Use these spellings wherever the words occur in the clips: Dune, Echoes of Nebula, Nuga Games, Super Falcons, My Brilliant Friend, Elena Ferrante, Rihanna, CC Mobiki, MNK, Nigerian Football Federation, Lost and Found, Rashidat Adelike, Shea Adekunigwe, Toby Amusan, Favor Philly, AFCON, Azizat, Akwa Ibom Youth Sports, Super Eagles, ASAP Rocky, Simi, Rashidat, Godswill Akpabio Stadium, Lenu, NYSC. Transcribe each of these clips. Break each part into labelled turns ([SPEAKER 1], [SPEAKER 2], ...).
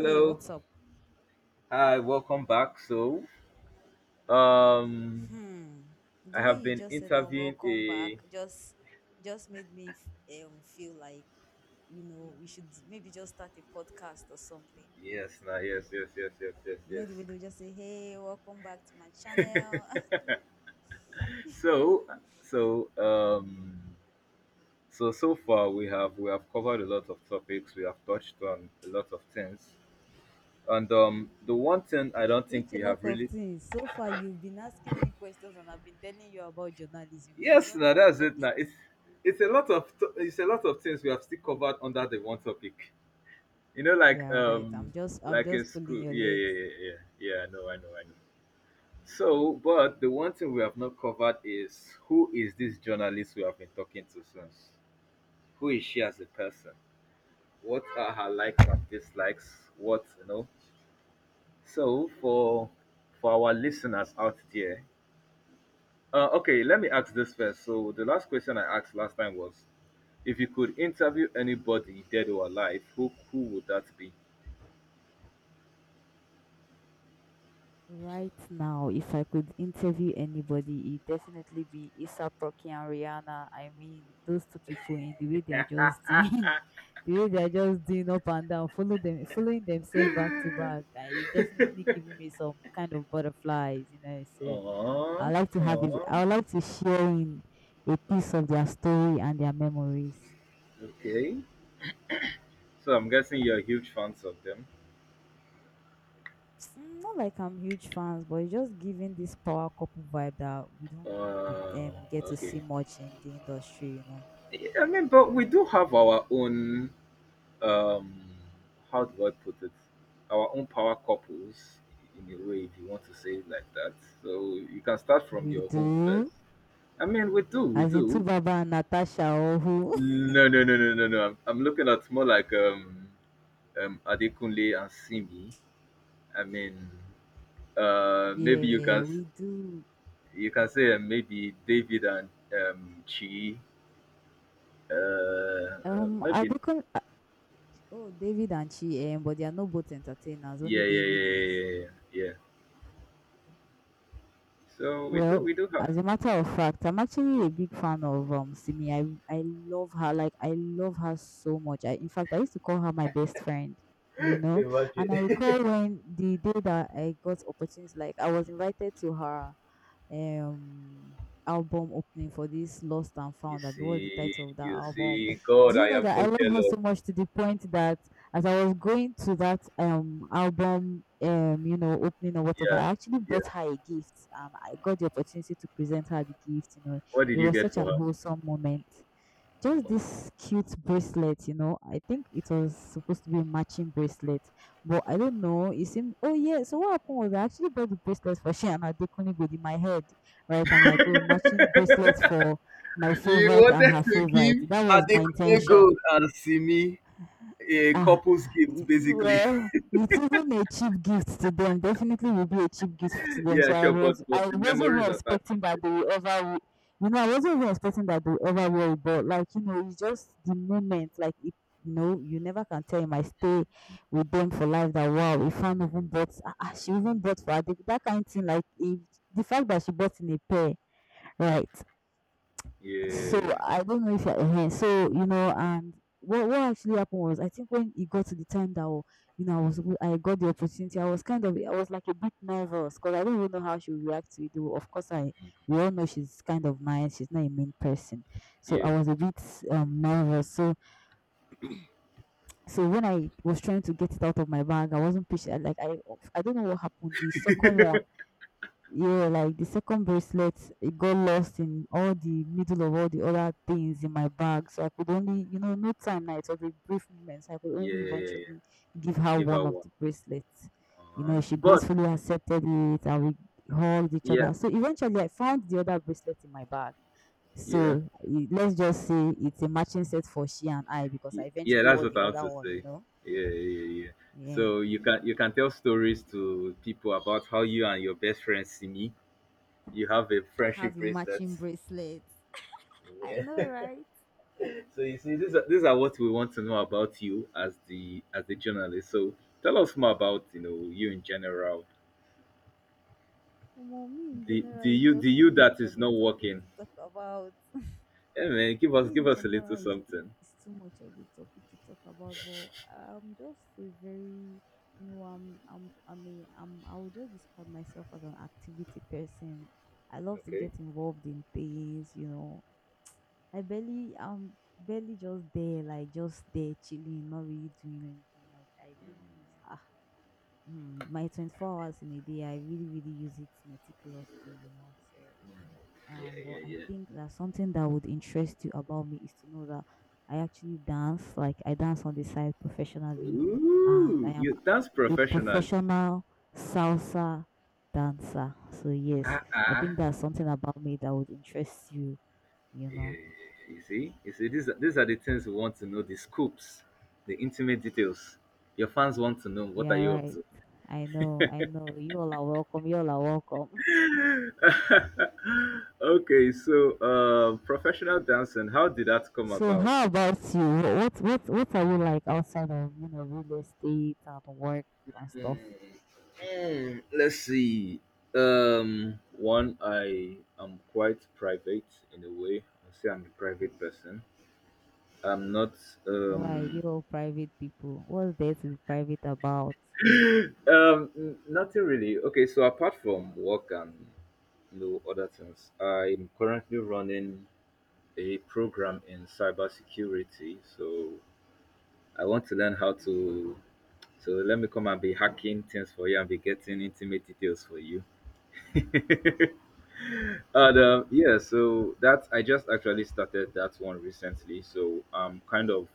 [SPEAKER 1] Hey, what's up?
[SPEAKER 2] Hi, welcome back. So, um
[SPEAKER 1] Hmm.
[SPEAKER 2] I
[SPEAKER 1] The way
[SPEAKER 2] have
[SPEAKER 1] you
[SPEAKER 2] been
[SPEAKER 1] just said that
[SPEAKER 2] interviewing
[SPEAKER 1] welcome back
[SPEAKER 2] a
[SPEAKER 1] just made me feel like we should maybe just start a podcast or something.
[SPEAKER 2] yes, now, yes, yes, yes, yes, yes,
[SPEAKER 1] You
[SPEAKER 2] yes.
[SPEAKER 1] know the way they just say, "Hey, welcome back to my channel."
[SPEAKER 2] So, so um so, far we have covered a lot of topics. We have touched on a lot of things. And the one thing I don't think
[SPEAKER 1] Which a
[SPEAKER 2] we have
[SPEAKER 1] lot of
[SPEAKER 2] really...
[SPEAKER 1] things. So far, you've been asking me questions and I've been telling you about journalism. It's
[SPEAKER 2] Yes,
[SPEAKER 1] only
[SPEAKER 2] now
[SPEAKER 1] one
[SPEAKER 2] that's it
[SPEAKER 1] topic.
[SPEAKER 2] now. It's a lot of it's a lot of things we have still
[SPEAKER 1] Mm,
[SPEAKER 2] covered under the one topic. You know like
[SPEAKER 1] yeah, right. I'm
[SPEAKER 2] um
[SPEAKER 1] just I'm
[SPEAKER 2] like in
[SPEAKER 1] just pulling
[SPEAKER 2] school.
[SPEAKER 1] your
[SPEAKER 2] Yeah,
[SPEAKER 1] legs.
[SPEAKER 2] yeah, yeah, yeah. Yeah, I know, I know, I know. So, but the one thing we have not covered is who is this journalist we have been talking to since? Who is she as a person? What are her likes and dislikes? What you know? So for our listeners out there, okay, let me ask this first. So the last question I asked last time was, if you could interview anybody dead or alive, who would that be?
[SPEAKER 1] Right now, if I could interview anybody, it'd definitely be ASAP Rocky and Rihanna. I mean, those two people in the way they are just doing, the way they are just doing up and down, following themselves back to back. I it's definitely giving me some kind of butterflies. So
[SPEAKER 2] Uh, uh,
[SPEAKER 1] I would like to share in a piece of their story and their memories.
[SPEAKER 2] okay. So I'm guessing you're huge fans of them.
[SPEAKER 1] Mm, not like I'm huge fans, but it's just giving this power couple vibe that we don't
[SPEAKER 2] Uh,
[SPEAKER 1] get to see
[SPEAKER 2] okay.
[SPEAKER 1] much in the industry.
[SPEAKER 2] I mean, but we do have our own, um, how do I put it? Our own power couples, in a way, if you want to say it like that. So you can start from
[SPEAKER 1] We
[SPEAKER 2] your home first.
[SPEAKER 1] do.
[SPEAKER 2] I mean, we do, we
[SPEAKER 1] As in two
[SPEAKER 2] do.
[SPEAKER 1] Baba and Natasha or who?
[SPEAKER 2] No, no, no, no, no, no. I'm looking at more like Adekunle and Simi. I mean, maybe you can
[SPEAKER 1] Yeah, we do.
[SPEAKER 2] you can say maybe David and Chi. Uh,
[SPEAKER 1] I
[SPEAKER 2] maybe
[SPEAKER 1] become oh David and Chi, but they are not both entertainers. Only
[SPEAKER 2] yeah, yeah,
[SPEAKER 1] David
[SPEAKER 2] yeah, yeah,
[SPEAKER 1] is.
[SPEAKER 2] yeah, yeah, yeah. So we
[SPEAKER 1] Well,
[SPEAKER 2] do have.
[SPEAKER 1] as a matter of fact, I'm actually a big fan of Simi. I love her. Like I love her so much. I in fact I used to call her my best friend, you know.
[SPEAKER 2] Imagine.
[SPEAKER 1] And I recall when the day that I got opportunity, like I was invited to her um album opening for this Lost and
[SPEAKER 2] You
[SPEAKER 1] Found. That was the
[SPEAKER 2] see,
[SPEAKER 1] title of that
[SPEAKER 2] you see,
[SPEAKER 1] album?
[SPEAKER 2] God,
[SPEAKER 1] Do
[SPEAKER 2] I
[SPEAKER 1] you know
[SPEAKER 2] am so
[SPEAKER 1] that I love her
[SPEAKER 2] jealous.
[SPEAKER 1] so much to the point that as I was going to that album opening or whatever,
[SPEAKER 2] Yeah.
[SPEAKER 1] I actually
[SPEAKER 2] Yeah.
[SPEAKER 1] bought her a gift and I got the opportunity to present her the gift. You know,
[SPEAKER 2] What did
[SPEAKER 1] it
[SPEAKER 2] you
[SPEAKER 1] was
[SPEAKER 2] get
[SPEAKER 1] such
[SPEAKER 2] for
[SPEAKER 1] an
[SPEAKER 2] her?
[SPEAKER 1] wholesome moment, just this cute bracelet. I think it was supposed to be a matching bracelet, but I don't know. It seemed, oh yeah. So what happened was I actually bought the bracelet for Shea and Adekunigwe in my head, right? I'm like, oh, matching bracelet for my
[SPEAKER 2] You
[SPEAKER 1] favorite and
[SPEAKER 2] wanted
[SPEAKER 1] her
[SPEAKER 2] to
[SPEAKER 1] favorite.
[SPEAKER 2] give
[SPEAKER 1] That was my
[SPEAKER 2] Adekunle
[SPEAKER 1] intention.
[SPEAKER 2] Gold and Simi a
[SPEAKER 1] Ah,
[SPEAKER 2] couple's gift,
[SPEAKER 1] y
[SPEAKER 2] basically.
[SPEAKER 1] well, it isn't a cheap gift to them, definitely will be a cheap gift to them,
[SPEAKER 2] Yeah,
[SPEAKER 1] so I
[SPEAKER 2] sure,
[SPEAKER 1] was
[SPEAKER 2] but
[SPEAKER 1] I
[SPEAKER 2] the
[SPEAKER 1] wasn't even
[SPEAKER 2] memories are back.
[SPEAKER 1] expecting that they will ever. I wasn't even expecting that they will ever wear, but, like, you know, it's just the moment, like, you never can tell, it might stay with them for life that, "Wow, a fan even bought ah ah, she even bought for her," that kind of thing, like, if the fact that she bought in a pair, right? So
[SPEAKER 2] Yeah,
[SPEAKER 1] I don't know if I, so and what actually happened was I think when it got to the time that oh, I got the opportunity, I was kind of I was like a bit nervous because I don't even know how she would react to it. Though of course I we all know she's kind of nice, she's not a mean person, so
[SPEAKER 2] yeah,
[SPEAKER 1] I was a bit nervous. So when I was trying to get it out of my bag, I wasn't patient. Like I don't know what happened. The second one. Yeah, like the second bracelet, it got lost in all the middle of all the other things in my bag. So I could only, no time now. It was a brief moment. So I could
[SPEAKER 2] yeah,
[SPEAKER 1] only
[SPEAKER 2] yeah, yeah,
[SPEAKER 1] eventually
[SPEAKER 2] yeah.
[SPEAKER 1] give her
[SPEAKER 2] Give her
[SPEAKER 1] one of
[SPEAKER 2] one.
[SPEAKER 1] the bracelets. You
[SPEAKER 2] Uh-huh.
[SPEAKER 1] know, she
[SPEAKER 2] But
[SPEAKER 1] gracefully accepted it and we hugged each
[SPEAKER 2] yeah,
[SPEAKER 1] other. So eventually I found the other bracelet in my bag.
[SPEAKER 2] yeah.
[SPEAKER 1] So let's just say it's a matching set for she and I because I
[SPEAKER 2] Yeah,
[SPEAKER 1] eventually
[SPEAKER 2] that's
[SPEAKER 1] wore
[SPEAKER 2] what
[SPEAKER 1] the
[SPEAKER 2] I want
[SPEAKER 1] other
[SPEAKER 2] to
[SPEAKER 1] one,
[SPEAKER 2] say.
[SPEAKER 1] you know.
[SPEAKER 2] Yeah, yeah, yeah.
[SPEAKER 1] Yeah.
[SPEAKER 2] So you can, you can tell stories to people about how you and your best friend Simi, you have a
[SPEAKER 1] Have
[SPEAKER 2] friendship
[SPEAKER 1] your
[SPEAKER 2] bracelet.
[SPEAKER 1] matching bracelets. I
[SPEAKER 2] Yeah.
[SPEAKER 1] know, right?
[SPEAKER 2] So you see, these are, these are what we want to know about you as the, as the journalist. So tell us more about, you know, you in general.
[SPEAKER 1] Omo, me in
[SPEAKER 2] the the
[SPEAKER 1] general is
[SPEAKER 2] you the
[SPEAKER 1] just too
[SPEAKER 2] you that
[SPEAKER 1] much
[SPEAKER 2] is
[SPEAKER 1] of a
[SPEAKER 2] not
[SPEAKER 1] topic
[SPEAKER 2] working.
[SPEAKER 1] to talk about.
[SPEAKER 2] Hey man, give us,
[SPEAKER 1] Me
[SPEAKER 2] give
[SPEAKER 1] in
[SPEAKER 2] us a little
[SPEAKER 1] general is,
[SPEAKER 2] something.
[SPEAKER 1] is too much of a topic to talk about, but I'm just a very, you know, I'm a I'm I would just describe myself as an activity person. I love to
[SPEAKER 2] Okay.
[SPEAKER 1] get involved in things, you know. I'm barely just there, like just there chilling, not really doing anything. Like I really use my 24 hours in a day. I really really use it meticulously, you know. So
[SPEAKER 2] Yeah,
[SPEAKER 1] but
[SPEAKER 2] yeah,
[SPEAKER 1] I
[SPEAKER 2] yeah.
[SPEAKER 1] think that something that would interest you about me is to know that I actually dance. Like I dance on the side professionally, and I
[SPEAKER 2] Ooh,
[SPEAKER 1] am
[SPEAKER 2] you dance
[SPEAKER 1] a
[SPEAKER 2] professionally.
[SPEAKER 1] professional salsa dancer. So yes,
[SPEAKER 2] Ah,
[SPEAKER 1] I
[SPEAKER 2] ah.
[SPEAKER 1] think that's something about me that would interest you. You
[SPEAKER 2] Yeah,
[SPEAKER 1] know.
[SPEAKER 2] you see, these are the things we want to know, the scoops, the intimate details. Your fans want to know what are
[SPEAKER 1] Yeah.
[SPEAKER 2] you up
[SPEAKER 1] Right.
[SPEAKER 2] to.
[SPEAKER 1] I know. I know. You all are welcome. You all are welcome.
[SPEAKER 2] Okay, so professional dancing, how did that come
[SPEAKER 1] So
[SPEAKER 2] about?
[SPEAKER 1] how about you? What are you like outside of you know real estate and work and stuff?
[SPEAKER 2] Mm, let's see. One, I am quite private in a way. I say I'm a private person. I'm not
[SPEAKER 1] Why
[SPEAKER 2] um
[SPEAKER 1] you all private people? What's there to be private about?
[SPEAKER 2] n- Nothing really. Okay, so apart from work and no other things. I'm currently running a program in cybersecurity, so I want to learn how to.
[SPEAKER 1] Hmm.
[SPEAKER 2] So let me come and be hacking things for you and be getting intimate details for you. And
[SPEAKER 1] Mm.
[SPEAKER 2] yeah, so that I just actually started that one recently. So I'm kind of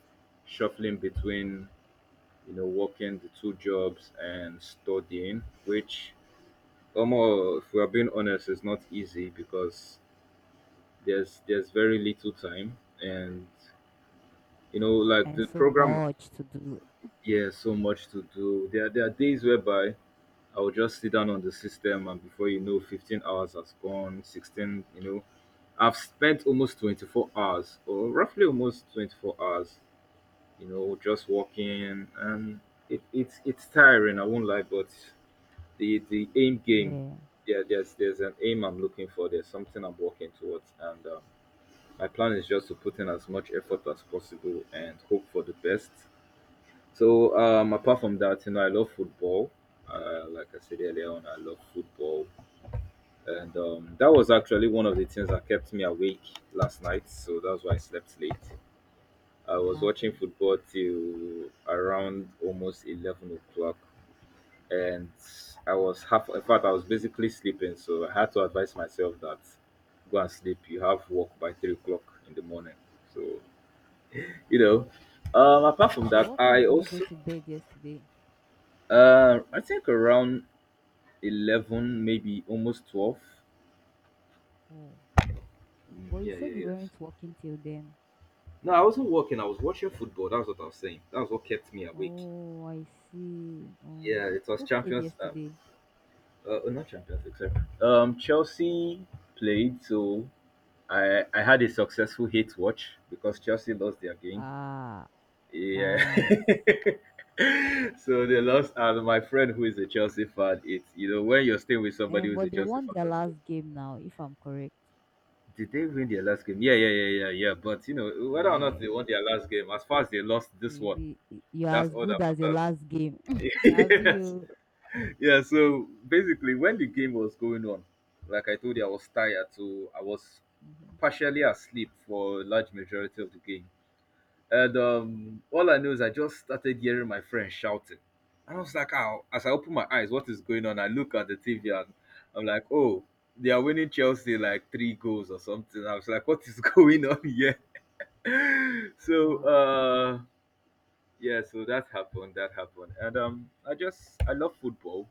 [SPEAKER 2] shuffling between, you know, working the two jobs and studying, which almost, if we are being honest, is not easy because there's very little time and you know, like
[SPEAKER 1] And
[SPEAKER 2] the
[SPEAKER 1] so
[SPEAKER 2] program,
[SPEAKER 1] much to do.
[SPEAKER 2] yeah, so much to do there. There are days whereby I will just sit down on the system and before you know, 15 hours has gone, 16, you know, I've spent almost 24 hours or roughly almost 24 hours, you know, just walking. And it's tiring, I won't lie, but the aim game,
[SPEAKER 1] Yeah,
[SPEAKER 2] yeah, there's an aim I'm looking for, there's something I'm working towards. And my plan is just to put in as much effort as possible and hope for the best. So, apart from that, you know, I love football. Like I said earlier on, I love football, and that was actually one of the things that kept me awake last night. So that's why I slept late. I was watching
[SPEAKER 1] imagine.
[SPEAKER 2] football till around almost 11 o'clock, and I
[SPEAKER 1] Wow.
[SPEAKER 2] was half. In fact, I was basically sleeping. So I had to advise myself that go and sleep. You have work by 3 o'clock in the morning. So you know. Apart from
[SPEAKER 1] So
[SPEAKER 2] that,
[SPEAKER 1] what
[SPEAKER 2] I
[SPEAKER 1] time did you go
[SPEAKER 2] also
[SPEAKER 1] to bed yesterday?
[SPEAKER 2] I think around eleven, maybe almost twelve.
[SPEAKER 1] Oh, well,
[SPEAKER 2] Mm,
[SPEAKER 1] you
[SPEAKER 2] yeah, yeah,
[SPEAKER 1] said you
[SPEAKER 2] yes.
[SPEAKER 1] weren't working till then.
[SPEAKER 2] No, I wasn't working. I was watching football. That's what I was saying. That's what kept me awake.
[SPEAKER 1] Oh, I see.
[SPEAKER 2] Yeah, it was
[SPEAKER 1] Who played
[SPEAKER 2] Champions.
[SPEAKER 1] yesterday?
[SPEAKER 2] Oh, not Champions League. Sorry. Chelsea played, so I had a successful hate watch because Chelsea lost their game.
[SPEAKER 1] Ah,
[SPEAKER 2] Yeah,
[SPEAKER 1] nice.
[SPEAKER 2] so they lost, and my friend who is a Chelsea fan, it's, you know, when you're staying with somebody who's a
[SPEAKER 1] But they
[SPEAKER 2] Chelsea
[SPEAKER 1] won
[SPEAKER 2] fan,
[SPEAKER 1] their
[SPEAKER 2] also...
[SPEAKER 1] last game now, if I'm correct.
[SPEAKER 2] Did they win their last game? Yeah, yeah, yeah, yeah, yeah. But you know, whether or not they
[SPEAKER 1] Eh,
[SPEAKER 2] won their last game, as far as they lost this one,
[SPEAKER 1] you're
[SPEAKER 2] that's
[SPEAKER 1] as
[SPEAKER 2] all that
[SPEAKER 1] good as your
[SPEAKER 2] matters.
[SPEAKER 1] last game. Have
[SPEAKER 2] Yes.
[SPEAKER 1] you?
[SPEAKER 2] Yeah. So basically, when the game was going on, like I told you, I was tired, so I was partially asleep for a large majority of the game. And all I know is I just started hearing my friend shouting. And I was like, oh, as I open my eyes, what is going on? I look at the TV and I'm like, oh, they are winning Chelsea like three goals or something. I was like, what is going on here? So
[SPEAKER 1] Wow.
[SPEAKER 2] yeah, so that happened, that happened. And I just, I love football,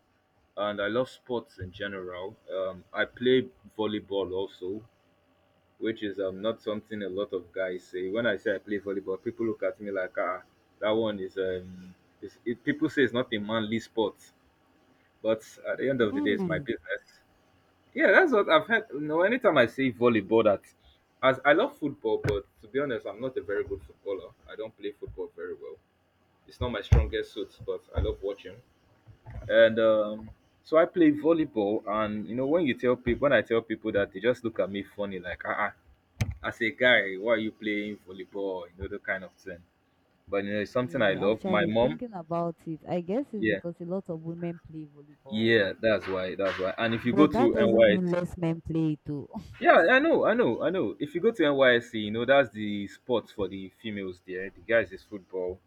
[SPEAKER 2] and I love sports in general. I play volleyball also, which is not something a lot of guys say. When I say I play volleyball, people look at me like, ah, that one is people say it's not a manly sport, but at the end of the day, it's my
[SPEAKER 1] Really?
[SPEAKER 2] business. Yeah, that's what I've heard. You know, anytime I say volleyball, that... As I love football, but to be honest, I'm not a very good footballer. I don't play football very well. It's not my strongest suit, but I love watching. And so I play volleyball, and you know, when you tell people, when I tell people that, they just look at me funny, like, ah, ah, as a guy, why are you playing volleyball? You know, that kind of thing. But you know, it's something I
[SPEAKER 1] Yeah,
[SPEAKER 2] love. My
[SPEAKER 1] actually,
[SPEAKER 2] mom,
[SPEAKER 1] thinking about it, I guess it's
[SPEAKER 2] yeah,
[SPEAKER 1] because a lot of women play volleyball.
[SPEAKER 2] yeah, that's why, that's why. And if you go
[SPEAKER 1] But that
[SPEAKER 2] to
[SPEAKER 1] doesn't
[SPEAKER 2] NY.
[SPEAKER 1] mean less men play it too.
[SPEAKER 2] Yeah, I know, I know, I know. If you go to NYSC, you know that's the sport for the females there. The guys is football,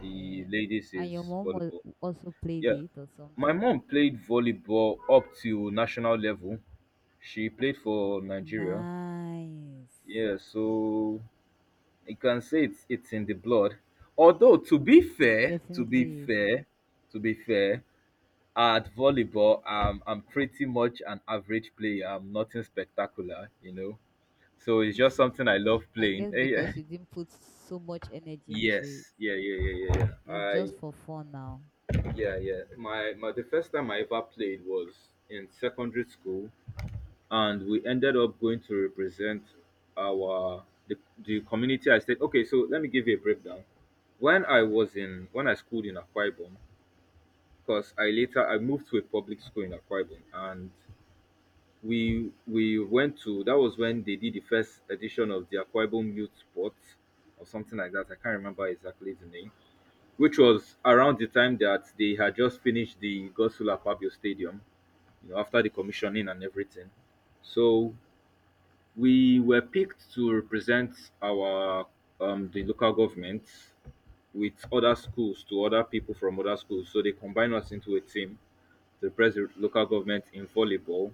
[SPEAKER 2] the ladies
[SPEAKER 1] And your
[SPEAKER 2] is
[SPEAKER 1] mom was
[SPEAKER 2] volleyball.
[SPEAKER 1] also played
[SPEAKER 2] Yeah,
[SPEAKER 1] it or
[SPEAKER 2] my
[SPEAKER 1] something.
[SPEAKER 2] mom played volleyball up to national level. She played for Nigeria.
[SPEAKER 1] Nice.
[SPEAKER 2] Yeah, so you can say it's in the blood. Although,
[SPEAKER 1] It
[SPEAKER 2] to be
[SPEAKER 1] definitely
[SPEAKER 2] fair, to be fair, at volleyball, I'm pretty much an average player. I'm nothing spectacular, you know. So it's
[SPEAKER 1] is.
[SPEAKER 2] just something I love
[SPEAKER 1] I
[SPEAKER 2] playing.
[SPEAKER 1] guess
[SPEAKER 2] Eh, yeah.
[SPEAKER 1] because you didn't put so much energy into it.
[SPEAKER 2] Yes, yeah, yeah, yeah, yeah, yeah.
[SPEAKER 1] It's
[SPEAKER 2] I,
[SPEAKER 1] just for fun now.
[SPEAKER 2] yeah, yeah. My the first time I ever played was in secondary school, and we ended up going to represent our the, the community. I said, okay, so let me give you a breakdown. When I was in, when I schooled in Akwa Ibom, because I later, I moved to a public school in Akwa Ibom, and we went to, that was when they did the first edition of the Akwa Ibom Youth Sports or something like that. I can't remember exactly the name, which was around the time that they had just finished the Godswill Akpabio Stadium, you know, after the commissioning and everything. So we were picked to represent our the local government with other schools, to other people from other schools. So they combined us into a team to represent the local government in volleyball.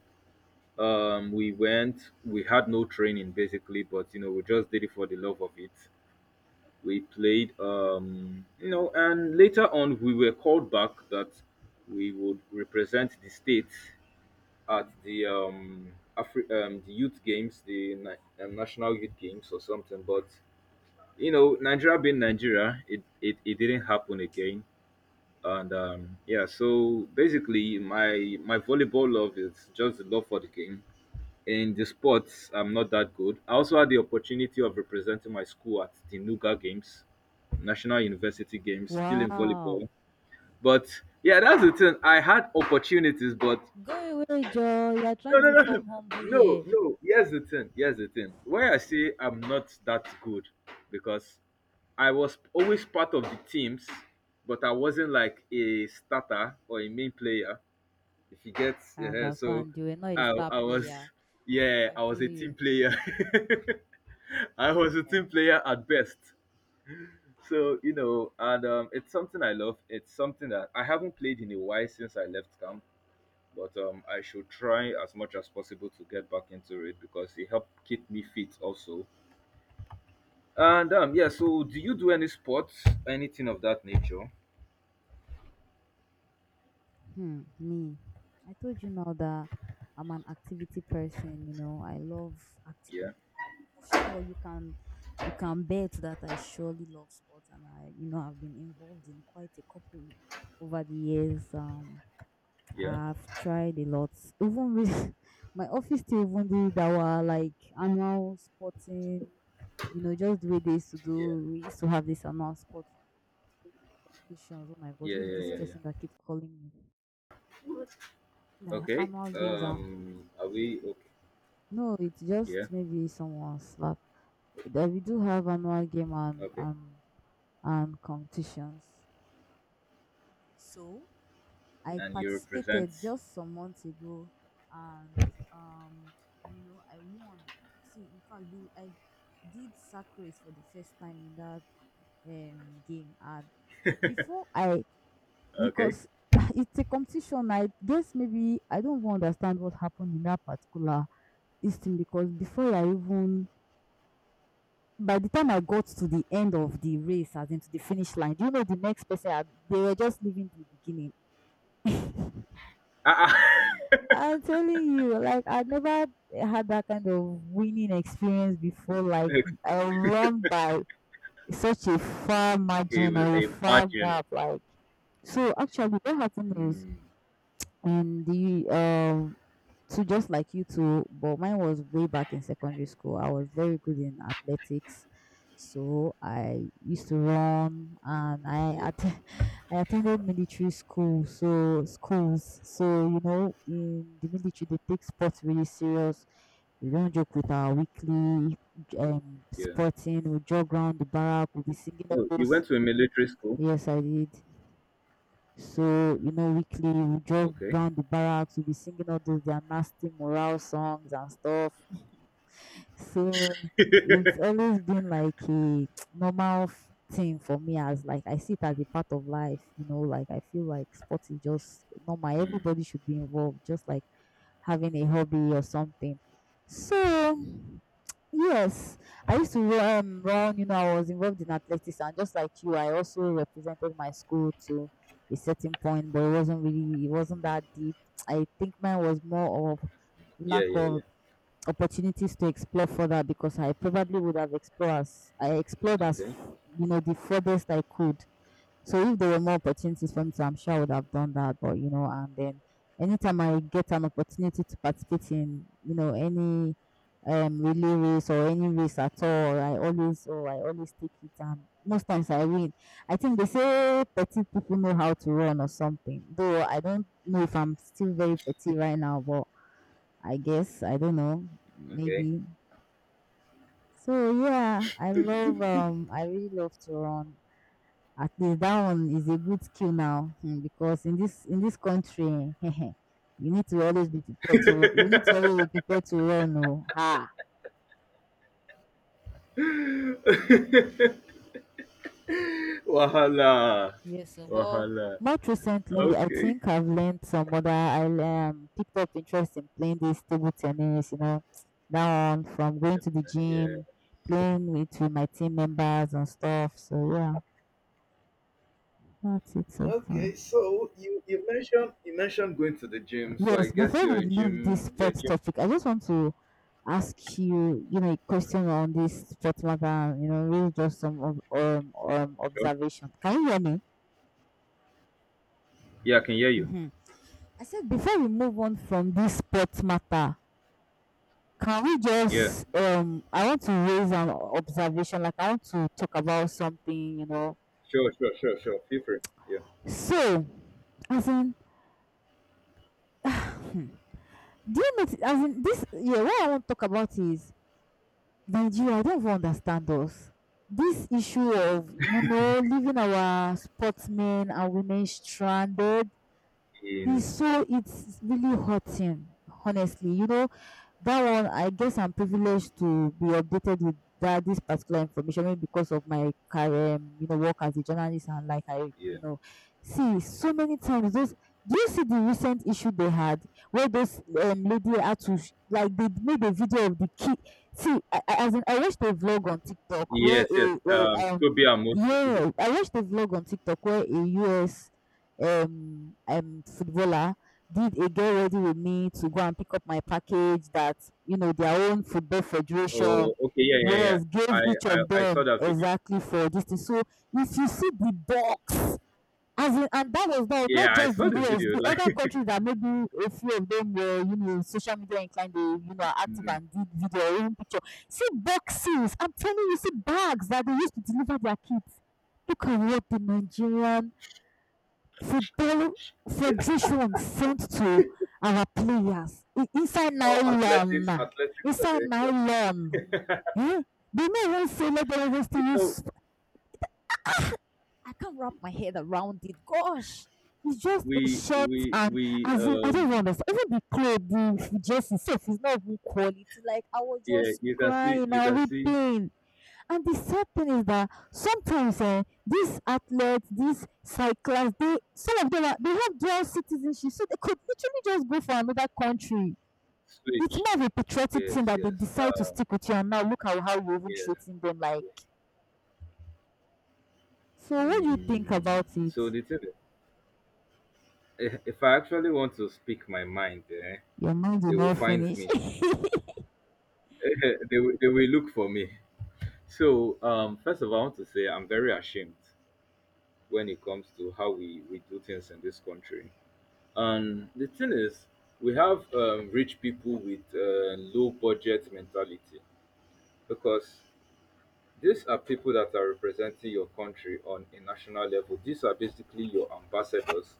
[SPEAKER 2] We went. We had no training basically, but you know, we just did it for the love of it. We played, you know, and later on we were called back that we would represent the state at the the youth games, the national youth games or something. But you know, Nigeria being Nigeria, it didn't happen again. And yeah, so basically, my volleyball love is just the love for the game. In the sports, I'm not that good. I also had the opportunity of representing my school at the Nuga Games, National University Games, still in
[SPEAKER 1] Wow.
[SPEAKER 2] volleyball. But yeah, that's the thing. I had opportunities, but
[SPEAKER 1] Go away, Joe. You're
[SPEAKER 2] no,
[SPEAKER 1] trying
[SPEAKER 2] no,
[SPEAKER 1] to
[SPEAKER 2] no,
[SPEAKER 1] form humble
[SPEAKER 2] no,
[SPEAKER 1] here.
[SPEAKER 2] no. Here's the thing. Here's the thing. Why I say I'm not that good, because I was always part of the teams, but I wasn't like a starter or a main player. If you get,
[SPEAKER 1] I
[SPEAKER 2] yeah, so
[SPEAKER 1] understand. You were not a
[SPEAKER 2] I,
[SPEAKER 1] star
[SPEAKER 2] I was,
[SPEAKER 1] player.
[SPEAKER 2] yeah,
[SPEAKER 1] I
[SPEAKER 2] I was
[SPEAKER 1] feel
[SPEAKER 2] a team
[SPEAKER 1] you.
[SPEAKER 2] player. I was a
[SPEAKER 1] Yeah.
[SPEAKER 2] team player at best. So, you know, and it's something I love. It's something that I haven't played in a while since I left camp, but I should try as much as possible to get back into it because it helped keep me fit also. And yeah, so do you do any sports, anything of that nature?
[SPEAKER 1] Hmm, me. I told you now that I'm an activity person. I love activity.
[SPEAKER 2] Yeah,
[SPEAKER 1] So for sure you can bet that I surely love sports and I you know I've been involved in quite a couple over the years.
[SPEAKER 2] yeah,
[SPEAKER 1] I've tried a lot. Even with my office still even did our like annual sporting, just the way they used to
[SPEAKER 2] yeah,
[SPEAKER 1] do we used to have this annual sports competitions. Oh my god,
[SPEAKER 2] yeah,
[SPEAKER 1] who is
[SPEAKER 2] yeah,
[SPEAKER 1] this
[SPEAKER 2] yeah, yeah.
[SPEAKER 1] person that keeps calling me? Like
[SPEAKER 2] Okay.
[SPEAKER 1] annual games and
[SPEAKER 2] Are we okay?
[SPEAKER 1] no, it's
[SPEAKER 2] Yeah.
[SPEAKER 1] just maybe someone's slack. That we do have annual game and
[SPEAKER 2] Okay,
[SPEAKER 1] and and competitions. So, I
[SPEAKER 2] and you represent.
[SPEAKER 1] participated just some months ago, and um, I won. See, in fact, I did sack race for the first time in that game, and before I,
[SPEAKER 2] Okay.
[SPEAKER 1] because it's a competition, I guess maybe I don't even understand what happened in that particular this thing because before I even by the time I got to the end of the race, as into the finish line, do you know the next person had, they were just leaving the beginning.
[SPEAKER 2] Ah, ah.
[SPEAKER 1] I'm telling you, like I never had that kind of winning experience before. Like I won by such a far
[SPEAKER 2] Okay,
[SPEAKER 1] margin
[SPEAKER 2] well,
[SPEAKER 1] or a far
[SPEAKER 2] imagine.
[SPEAKER 1] gap. Like so, actually, what happened is
[SPEAKER 2] Mm,
[SPEAKER 1] in the so just like you two, but mine was way back in secondary school. I was very good in athletics, so I used to run, and
[SPEAKER 2] yeah,
[SPEAKER 1] I attended military school, so schools. So you know, in the military, they take sports really serious. We don't joke with our weekly
[SPEAKER 2] yeah.
[SPEAKER 1] sporting. We jog around the barrack. We'll be singing all
[SPEAKER 2] Oh, you
[SPEAKER 1] those.
[SPEAKER 2] went to a military school.
[SPEAKER 1] Yes, I did. So, you know, weekly we jog
[SPEAKER 2] Okay.
[SPEAKER 1] round the barracks, we'll be singing all those their nasty morale songs and stuff. So it's always been like a normal thing for me, as like I see it as a part of life, you know, like I feel like sports is just normal.
[SPEAKER 2] Mm,
[SPEAKER 1] Everybody should be involved, just like having a hobby or something. So yes, I used to run. You know, I was involved in athletics, and just like you, I also represented my school to a certain point, but it wasn't really, it wasn't that deep. I think mine was more of
[SPEAKER 2] yeah,
[SPEAKER 1] lack
[SPEAKER 2] yeah, yeah.
[SPEAKER 1] of opportunities to explore further because I probably would have explored as I explored as
[SPEAKER 2] Okay,
[SPEAKER 1] f- you know the furthest I could, so if there were more opportunities for me to, I'm sure I would have done that. But you know, and then anytime I get an opportunity to participate in, you know, any relay race or any race at all, I always take it and most times I win. I think they say petite people know how to run or something. Though I don't know if I'm still very petite right now, but I guess I don't know,
[SPEAKER 2] okay.
[SPEAKER 1] maybe. So yeah, I love I really love to run. At least that one is a good skill now, because in this country you need to always be prepared to run oh. Ha.
[SPEAKER 2] Wahala,
[SPEAKER 1] Yes oh, but
[SPEAKER 2] wahala.
[SPEAKER 1] most recently I
[SPEAKER 2] Okay.
[SPEAKER 1] think I've learned some other, I picked up interest in playing this table tennis. You know, that one from going to the
[SPEAKER 2] That's, yeah.
[SPEAKER 1] gym, playing with my team members and stuff, so yeah, that's it so far.
[SPEAKER 2] Okay, so you mentioned going to the gym, so I
[SPEAKER 1] Yes,
[SPEAKER 2] guess
[SPEAKER 1] before we leave this
[SPEAKER 2] you're a
[SPEAKER 1] sports
[SPEAKER 2] gym.
[SPEAKER 1] topic, I just want to ask you a question on this sports matter really just some of
[SPEAKER 2] Sure.
[SPEAKER 1] observation. Can you hear me?
[SPEAKER 2] Yeah, I can hear you.
[SPEAKER 1] Mm-hmm. I said, before we move on from this sports matter, can we
[SPEAKER 2] Yeah.
[SPEAKER 1] just I want to raise an observation, like, I want to talk about something.
[SPEAKER 2] Sure, sure, sure, sure. Feel free. Yeah.
[SPEAKER 1] So, as in, hmm, do you know, as in this, yeah, what I want to talk about is Nigeria. I don't even understand us. This issue of leaving our sportsmen and women stranded,
[SPEAKER 2] In
[SPEAKER 1] it's really hurting, honestly. That one, I guess I'm privileged to be updated with that this particular information, maybe because of my career work as a journalist. And like I,
[SPEAKER 2] yeah.
[SPEAKER 1] you know, see so many times those. Do you see the recent issue they had where those, lady had to like, they made a video of the kid? See, as in, I watched a vlog on TikTok where
[SPEAKER 2] Yes, yes. Toby Amos.
[SPEAKER 1] I watched a vlog on TikTok where a US footballer did a get ready with me to go and pick up my package that, their own football
[SPEAKER 2] Oh,
[SPEAKER 1] federation,
[SPEAKER 2] okay. Yeah, yeah, yeah.
[SPEAKER 1] yes,
[SPEAKER 2] I,
[SPEAKER 1] gave each of
[SPEAKER 2] I, I saw
[SPEAKER 1] them
[SPEAKER 2] that video.
[SPEAKER 1] exactly for this thing. So if you see the box, as in, and that was not
[SPEAKER 2] Yeah, I
[SPEAKER 1] just
[SPEAKER 2] saw
[SPEAKER 1] the
[SPEAKER 2] the
[SPEAKER 1] US,
[SPEAKER 2] video.
[SPEAKER 1] the other
[SPEAKER 2] Like
[SPEAKER 1] countries that maybe a few of them were social media inclined, they are active
[SPEAKER 2] mm,
[SPEAKER 1] and did video or even picture. See boxes, I'm telling you, see bags that they used to deliver their kids. Look at what the Nigerian for Football Federation sent to our players, inside
[SPEAKER 2] our
[SPEAKER 1] nylon,
[SPEAKER 2] athletics
[SPEAKER 1] inside
[SPEAKER 2] federation.
[SPEAKER 1] nylon. Eh? They may even say let them even
[SPEAKER 2] You
[SPEAKER 1] still
[SPEAKER 2] know,
[SPEAKER 1] use. I can't wrap my head around it. Gosh, it's just a
[SPEAKER 2] we,
[SPEAKER 1] shirt,
[SPEAKER 2] we,
[SPEAKER 1] and,
[SPEAKER 2] we.
[SPEAKER 1] as in, I don't even understand. Even the clothes, the jersey itself is not even quality. Like, I was
[SPEAKER 2] Yeah,
[SPEAKER 1] just crying
[SPEAKER 2] you
[SPEAKER 1] and
[SPEAKER 2] can see
[SPEAKER 1] weeping. And the sad thing is that sometimes, eh, these athletes, these cyclists, they, some of them are, they have dual citizenship, so they could literally just go for another country. It's
[SPEAKER 2] switch.
[SPEAKER 1] more of a patriotic
[SPEAKER 2] Yes,
[SPEAKER 1] thing that they
[SPEAKER 2] yes.
[SPEAKER 1] decide to stick with you, and now look at how you're even
[SPEAKER 2] Yeah.
[SPEAKER 1] treating them. Like, so what do you think
[SPEAKER 2] Mm.
[SPEAKER 1] about
[SPEAKER 2] So
[SPEAKER 1] it?
[SPEAKER 2] the thing, is, eh, if I actually want to speak my mind, eh,
[SPEAKER 1] Your mind will
[SPEAKER 2] they will
[SPEAKER 1] not
[SPEAKER 2] find
[SPEAKER 1] finish.
[SPEAKER 2] me. They will look for me. So, first of all, I want to say I'm very ashamed when it comes to how we do things in this country. And the thing is, we have rich people with low budget mentality because these are people that are representing your country on a national level. These are basically your ambassadors.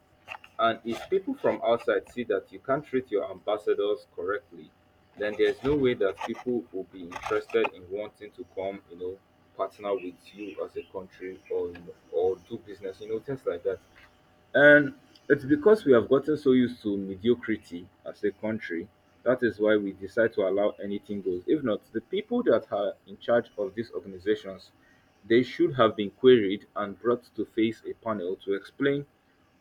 [SPEAKER 2] And if people from outside see that you can't treat your ambassadors correctly, then there's no way that people will be interested in wanting to come, you know, partner with you as a country or you know, or do business, you know, things like that. And it's because we have gotten so used to mediocrity as a country. That is why we decide to allow anything goes. If not, the people that are in charge of these organizations, they should have been queried and brought to face a panel to explain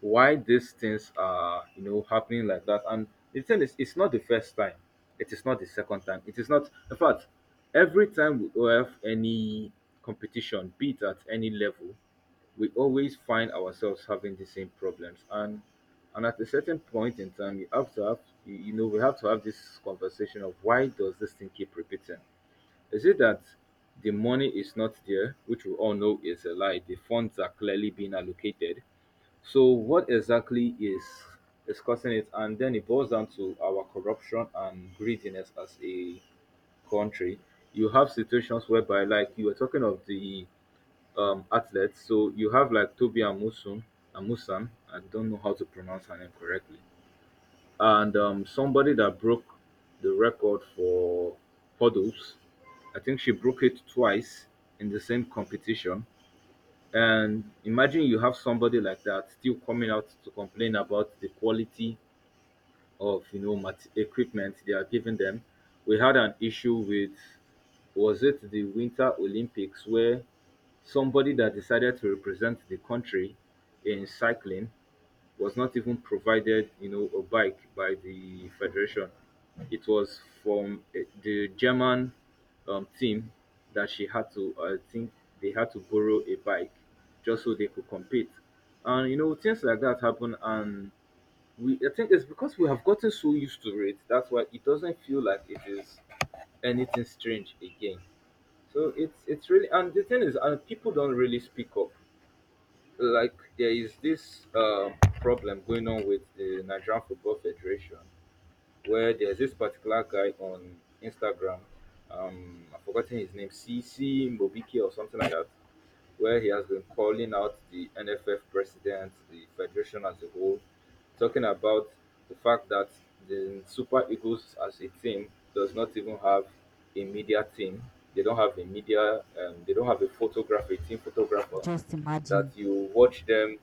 [SPEAKER 2] why these things are, you know, happening like that. And the thing is, it's not the first time. It is not the second time. It is not. In fact, every time we have any competition, be it at any level, we always find ourselves having the same problems, and at a certain point in time you have to have you know we have to have this conversation of why does this thing keep repeating. Is it that the money is not there, which we all know is a lie? The funds are clearly being allocated, so what exactly is causing it? And then it boils down to our corruption and greediness as a country. You have situations whereby, like you were talking of the athletes. So you have like Toby Amusun, Amusan. I don't know how to pronounce her name correctly. And somebody that broke the record for hurdles. I think she broke it twice in the same competition. And imagine you have somebody like that still coming out to complain about the quality of you know mat- equipment they are giving them. We had an issue with, was it the Winter Olympics, where somebody that decided to represent the country in cycling was not even provided, you know, a bike by the federation. It was from the German team that she had to. I think they had to borrow a bike just so they could compete. And you know, things like that happen. And we, I think it's because we have gotten so used to it. That's why it doesn't feel like it is anything strange again. So it's really, and the thing is, and people don't really speak up. Like there is this problem going on with the Nigerian Football Federation, where there's this particular guy on Instagram. I've forgotten his name, CC Mobiki or something like that, where he has been calling out the NFF president, the federation as a whole, talking about the fact that the Super Eagles as a team does not even have a media team. They don't have a media. They don't have a photographer, a team photographer.
[SPEAKER 1] Just
[SPEAKER 2] That
[SPEAKER 1] imagine.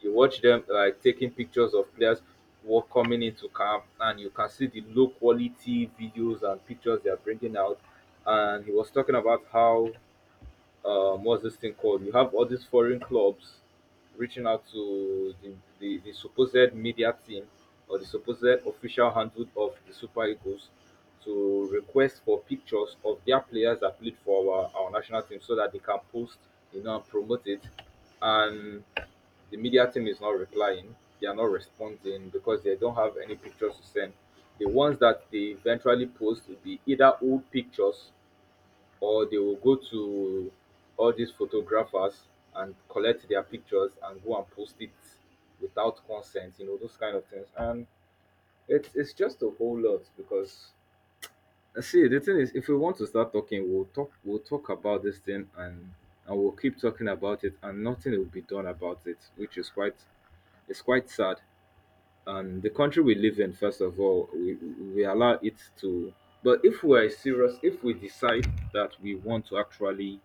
[SPEAKER 2] you watch them like taking pictures of players walk coming into camp, and you can see the low quality videos and pictures they are bringing out. And he was talking about how what's this thing called? You have all these foreign clubs reaching out to the supposed media team or the supposed official handle of the Super Eagles to request for pictures of their players that played for our national team so that they can post, you know, and promote it. And the media team is not replying, they are not responding because they don't have any pictures to send. The ones that they eventually post will be either old pictures, or they will go to all these photographers and collect their pictures and go and post it without consent, you know, those kind of things. And it's just a whole lot because see the thing is, if we want to start talking, we'll talk about this thing, and we'll keep talking about it and nothing will be done about it, which is quite it's quite sad. And the country we live in, first of all, we allow it to, but if we are serious, if we decide that we want to actually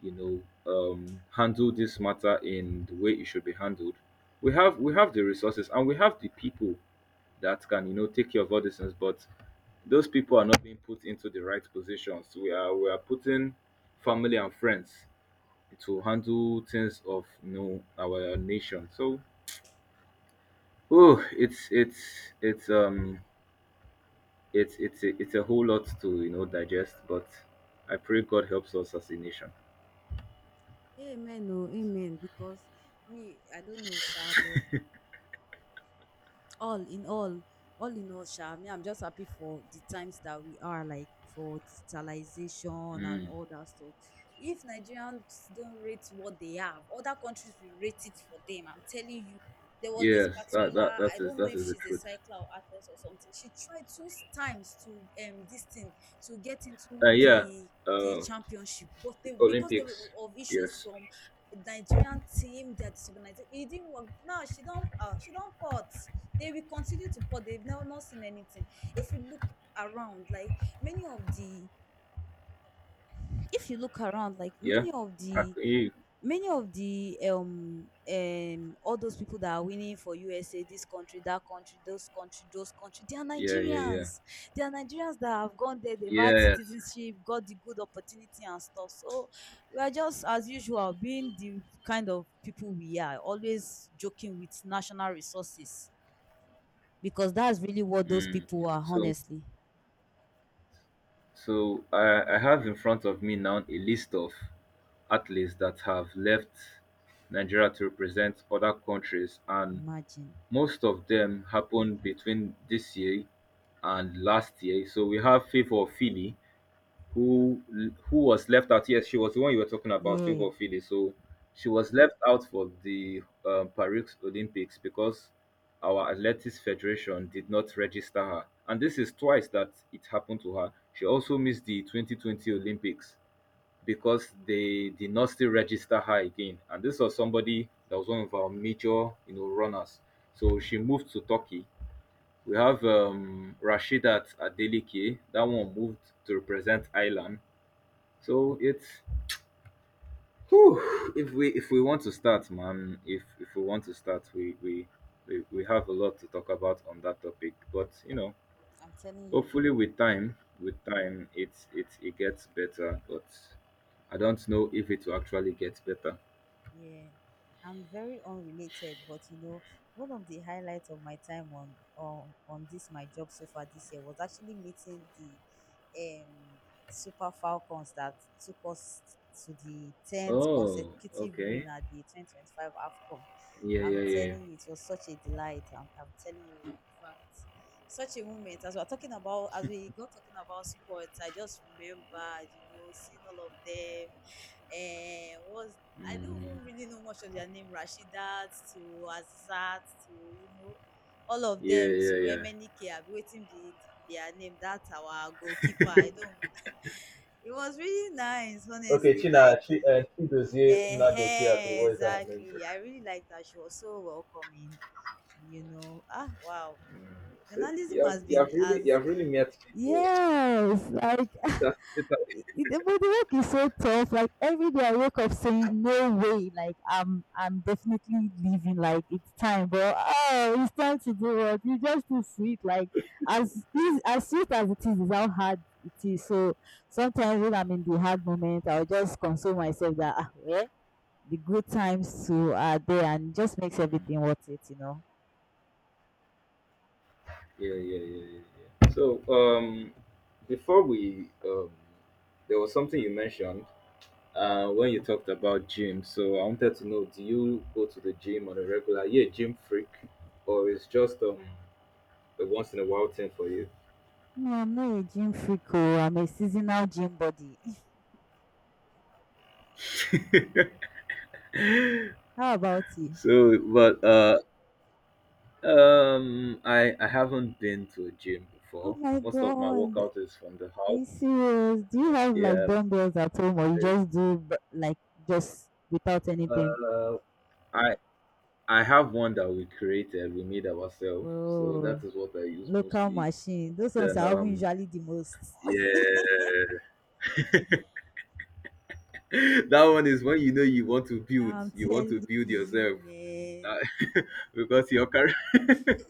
[SPEAKER 2] you know handle this matter in the way it should be handled, we have the resources and we have the people that can you know take care of all these things, but those people are not being put into the right positions. We are we are putting family and friends to handle things of you know our nation. So oh it's it's it's a whole lot to you know digest, but I pray God helps us as a nation.
[SPEAKER 1] Amen, oh, amen. Because me, I don't know, sha, but all in all all in all sha, me, I'm just happy for the times that we are, like, for digitalization and
[SPEAKER 2] Mm,
[SPEAKER 1] all that stuff. If Nigerians don't rate what they have, other countries will rate it for them, I'm telling you. There was this
[SPEAKER 2] yes that, that
[SPEAKER 1] particular,
[SPEAKER 2] that
[SPEAKER 1] I
[SPEAKER 2] is
[SPEAKER 1] don't know if
[SPEAKER 2] the
[SPEAKER 1] she's a
[SPEAKER 2] truth.
[SPEAKER 1] cycler or athlete or something, she tried two times to this thing, to get into
[SPEAKER 2] Yeah,
[SPEAKER 1] the
[SPEAKER 2] uh,
[SPEAKER 1] championship, but they, because they were
[SPEAKER 2] Olympics.
[SPEAKER 1] of issues
[SPEAKER 2] Yes.
[SPEAKER 1] from Nigerian ports, they were come. If you look around like many if you look around, like,
[SPEAKER 2] Yeah.
[SPEAKER 1] many of
[SPEAKER 2] I
[SPEAKER 1] the
[SPEAKER 2] can hear you.
[SPEAKER 1] many of the um all those people that are winning, say this country, that country, those country, those country. They are
[SPEAKER 2] Yeah, yeah, yeah.
[SPEAKER 1] Nigerians. They are Nigerians that have gone there, they've had
[SPEAKER 2] Yes.
[SPEAKER 1] citizenship, got the good opportunity and stuff, so we are just, as usual, being the kind of people we are, always joking with national resources, because that's really what those
[SPEAKER 2] Mm.
[SPEAKER 1] people are,
[SPEAKER 2] So,
[SPEAKER 1] honestly.
[SPEAKER 2] so I have in front of me now a list of athletes that have left Nigeria to represent other countries, and
[SPEAKER 1] Imagine.
[SPEAKER 2] most of them happened between this year and last year. So we have Favor Philly, who was left out. Yes, she was the one you were talking about,
[SPEAKER 1] Yeah,
[SPEAKER 2] Favor Philly. So she was left out for the Paris Olympics because our Athletics Federation did not register her. And this is twice that it happened to her. She also missed the 2020 Olympics because they did not still register her again. And this was somebody that was one of our major, you know, runners. So she moved to Turkey. We have Rashidat Adelike. That one moved to represent Ireland. So it's whew, if we want to start, man, if we want to start, we we have a lot to talk about on that topic. But you know,
[SPEAKER 1] I'm telling you.
[SPEAKER 2] hopefully with time, it's it gets better. But I don't know if it will actually get better.
[SPEAKER 1] Yeah. I'm very unrelated, but one of the highlights of my time on this my job so far this year was actually meeting the um Super Falcons that took us to the 10th
[SPEAKER 2] Oh,
[SPEAKER 1] consecutive
[SPEAKER 2] okay.
[SPEAKER 1] win at the 2025 AFCON.
[SPEAKER 2] Yeah, yeah,
[SPEAKER 1] I'm
[SPEAKER 2] yeah.
[SPEAKER 1] telling you, it was such a delight. I'm telling you, in fact, such a moment. As we got talking about sports, I just remembered, seeing all of them. Was I don't
[SPEAKER 2] Mm,
[SPEAKER 1] even really know much of their name, Rashidat to Azizat to, all of
[SPEAKER 2] yeah,
[SPEAKER 1] them
[SPEAKER 2] yeah,
[SPEAKER 1] to
[SPEAKER 2] yeah.
[SPEAKER 1] MNK. I be waiting the their name. That's our goalkeeper. I don't. It was really nice,
[SPEAKER 2] Okay,
[SPEAKER 1] honestly.
[SPEAKER 2] China,
[SPEAKER 1] Like,
[SPEAKER 2] Chi, Chidozie Nnadokie Abe, what is that her name?
[SPEAKER 1] exactly. I really liked that. She was so welcoming. You know. Ah, wow.
[SPEAKER 2] Mm, see,
[SPEAKER 1] Journalism
[SPEAKER 2] you have
[SPEAKER 1] has
[SPEAKER 2] you
[SPEAKER 1] been
[SPEAKER 2] have really
[SPEAKER 1] as.
[SPEAKER 2] met people.
[SPEAKER 1] Yes, like.
[SPEAKER 2] It has it.
[SPEAKER 1] I- the but the work is so tough. Like every day I wake up saying, "No way!" Like I'm definitely leaving. Like it's time, but oh, it's time to do what you just too sweet. Like, as easy as sweet as it is how hard it is. So sometimes when I'm in the hard moment, I'll just console myself that, well, the good times too are there, and it just makes
[SPEAKER 2] Mm,
[SPEAKER 1] everything worth it. You know.
[SPEAKER 2] yeah, yeah, yeah, yeah, yeah. So, before there was something you mentioned when you talked about gym. So I wanted to know, do you go to the gym on a regular? Yeah, gym freak, or it's just a once in a while thing for you?
[SPEAKER 1] No, I'm not a gym freak. Oh, I'm a seasonal gym body. How about you?
[SPEAKER 2] So, but I haven't been to a gym
[SPEAKER 1] Oh
[SPEAKER 2] before.
[SPEAKER 1] my
[SPEAKER 2] Most of my
[SPEAKER 1] God.
[SPEAKER 2] workout is from the
[SPEAKER 1] Are you
[SPEAKER 2] house.
[SPEAKER 1] serious? Do you have like
[SPEAKER 2] Yeah,
[SPEAKER 1] dumbbells at home or you just do like just without anything?
[SPEAKER 2] uh, I have one that we created, we made ourselves. So
[SPEAKER 1] Oh,
[SPEAKER 2] that is what I use
[SPEAKER 1] local
[SPEAKER 2] mostly.
[SPEAKER 1] machine. Those ones
[SPEAKER 2] Then
[SPEAKER 1] are even usually the most.
[SPEAKER 2] yeah. That one is when you know
[SPEAKER 1] I'm
[SPEAKER 2] you want to
[SPEAKER 1] telling
[SPEAKER 2] build
[SPEAKER 1] you,
[SPEAKER 2] yourself.
[SPEAKER 1] man.
[SPEAKER 2] That- because you're carrying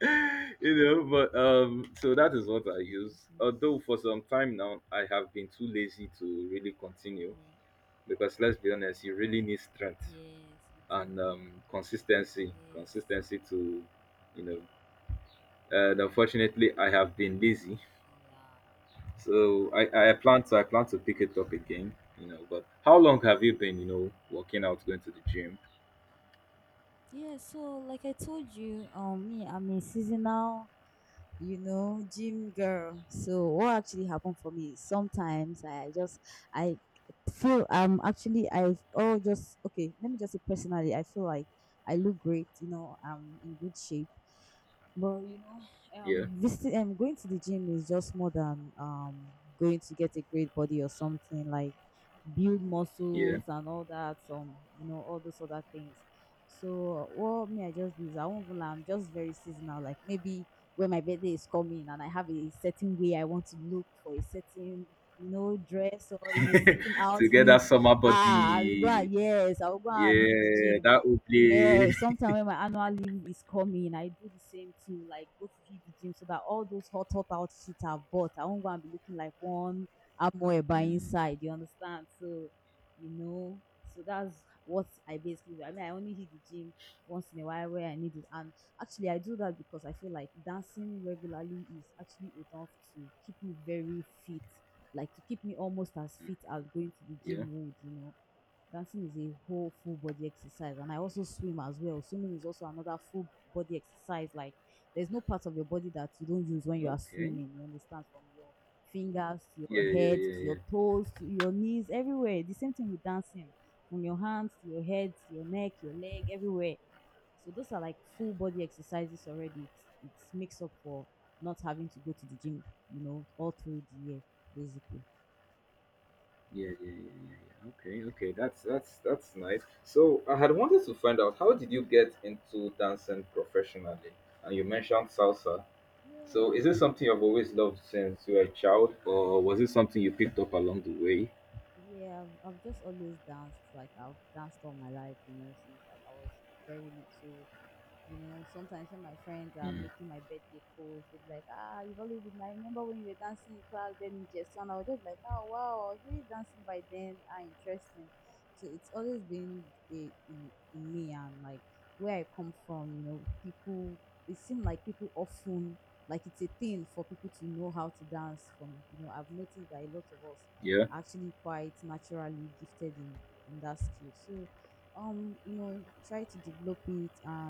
[SPEAKER 2] you know, but so that is what I use. Although for some time now I have been too lazy to really continue
[SPEAKER 1] Yeah,
[SPEAKER 2] because let's be honest, you really need strength
[SPEAKER 1] yes, you
[SPEAKER 2] and
[SPEAKER 1] do.
[SPEAKER 2] consistency.
[SPEAKER 1] Yes,
[SPEAKER 2] Consistency to you know, and unfortunately I have been lazy.
[SPEAKER 1] yeah.
[SPEAKER 2] So I plan to pick it up again, you know. But how long have you been, you know, working out, going to the gym?
[SPEAKER 1] Yeah, so like I told you, me, I'm a seasonal, gym girl. So what actually happened for me is, sometimes I feel, actually, I oh just okay, let me just say personally, I feel like I look great. I'm in good shape. But you know,
[SPEAKER 2] Yeah,
[SPEAKER 1] visiting Going to the gym is just more than going to get a great body, or something like build
[SPEAKER 2] yeah.
[SPEAKER 1] muscles and all that, some all those other things. So what me I just do is, I won't even lie, I'm just very seasonal. Like maybe when my birthday is coming and I have a certain way I want to look for a certain, dress, or in a certain
[SPEAKER 2] To get that
[SPEAKER 1] outfit,
[SPEAKER 2] summer body,
[SPEAKER 1] I will go and hit the
[SPEAKER 2] yeah,
[SPEAKER 1] gym.
[SPEAKER 2] that would be,
[SPEAKER 1] Yes, sometime when my annual leave is coming, I do the same too, like go to hit the gym so that all those hot hot outfits I've bought, I won't go and be looking like one. I by
[SPEAKER 2] mm,
[SPEAKER 1] inside, you understand. So you know so that's what I basically do. I mean, I only hit the gym once in a while where I need it. Actually, I do that because I feel like dancing regularly is actually enough to keep me very fit, like to keep me almost as
[SPEAKER 2] mm,
[SPEAKER 1] fit as going to the
[SPEAKER 2] yeah.
[SPEAKER 1] gym would. Dancing is a whole full body exercise, and I also swim as well. Swimming is also another full body exercise. Like, there's no part of your body that you don't use when you are
[SPEAKER 2] Okay,
[SPEAKER 1] swimming, you understand, from your fingers to
[SPEAKER 2] yeah,
[SPEAKER 1] your
[SPEAKER 2] yeah, yeah,
[SPEAKER 1] head
[SPEAKER 2] yeah,
[SPEAKER 1] to
[SPEAKER 2] yeah, yeah,
[SPEAKER 1] your toes to your knees, everywhere. The same thing with dancing, from your hands to your head to your neck, your leg, everywhere. So those are like full body exercises already. It's makes up for not having to go to the gym, all through the year, basically.
[SPEAKER 2] yeah. Yeah. Yeah. Okay, okay, that's that's nice. So I had wanted to find out, how did you get into dancing professionally? And you mentioned salsa. So,
[SPEAKER 1] Yeah.
[SPEAKER 2] is this something you've always loved since you were a child, or was it something you picked up along the way?
[SPEAKER 1] Yeah, I've just always danced. Like, I've danced all my life, since like I was very little. Sometimes when my friends are making my birthday post, they'll be like, you've always been, I remember when you were dancing in class, then in Jason, I was just like, oh, wow, I was really dancing by then. Ah, interesting. So it's always been in me, and like where I come from, people, it seems like people often, like, it's a thing for people to know how to dance from, I've noticed that a lot of us
[SPEAKER 2] Yeah.
[SPEAKER 1] are actually quite naturally gifted in that skill. So, try to develop it and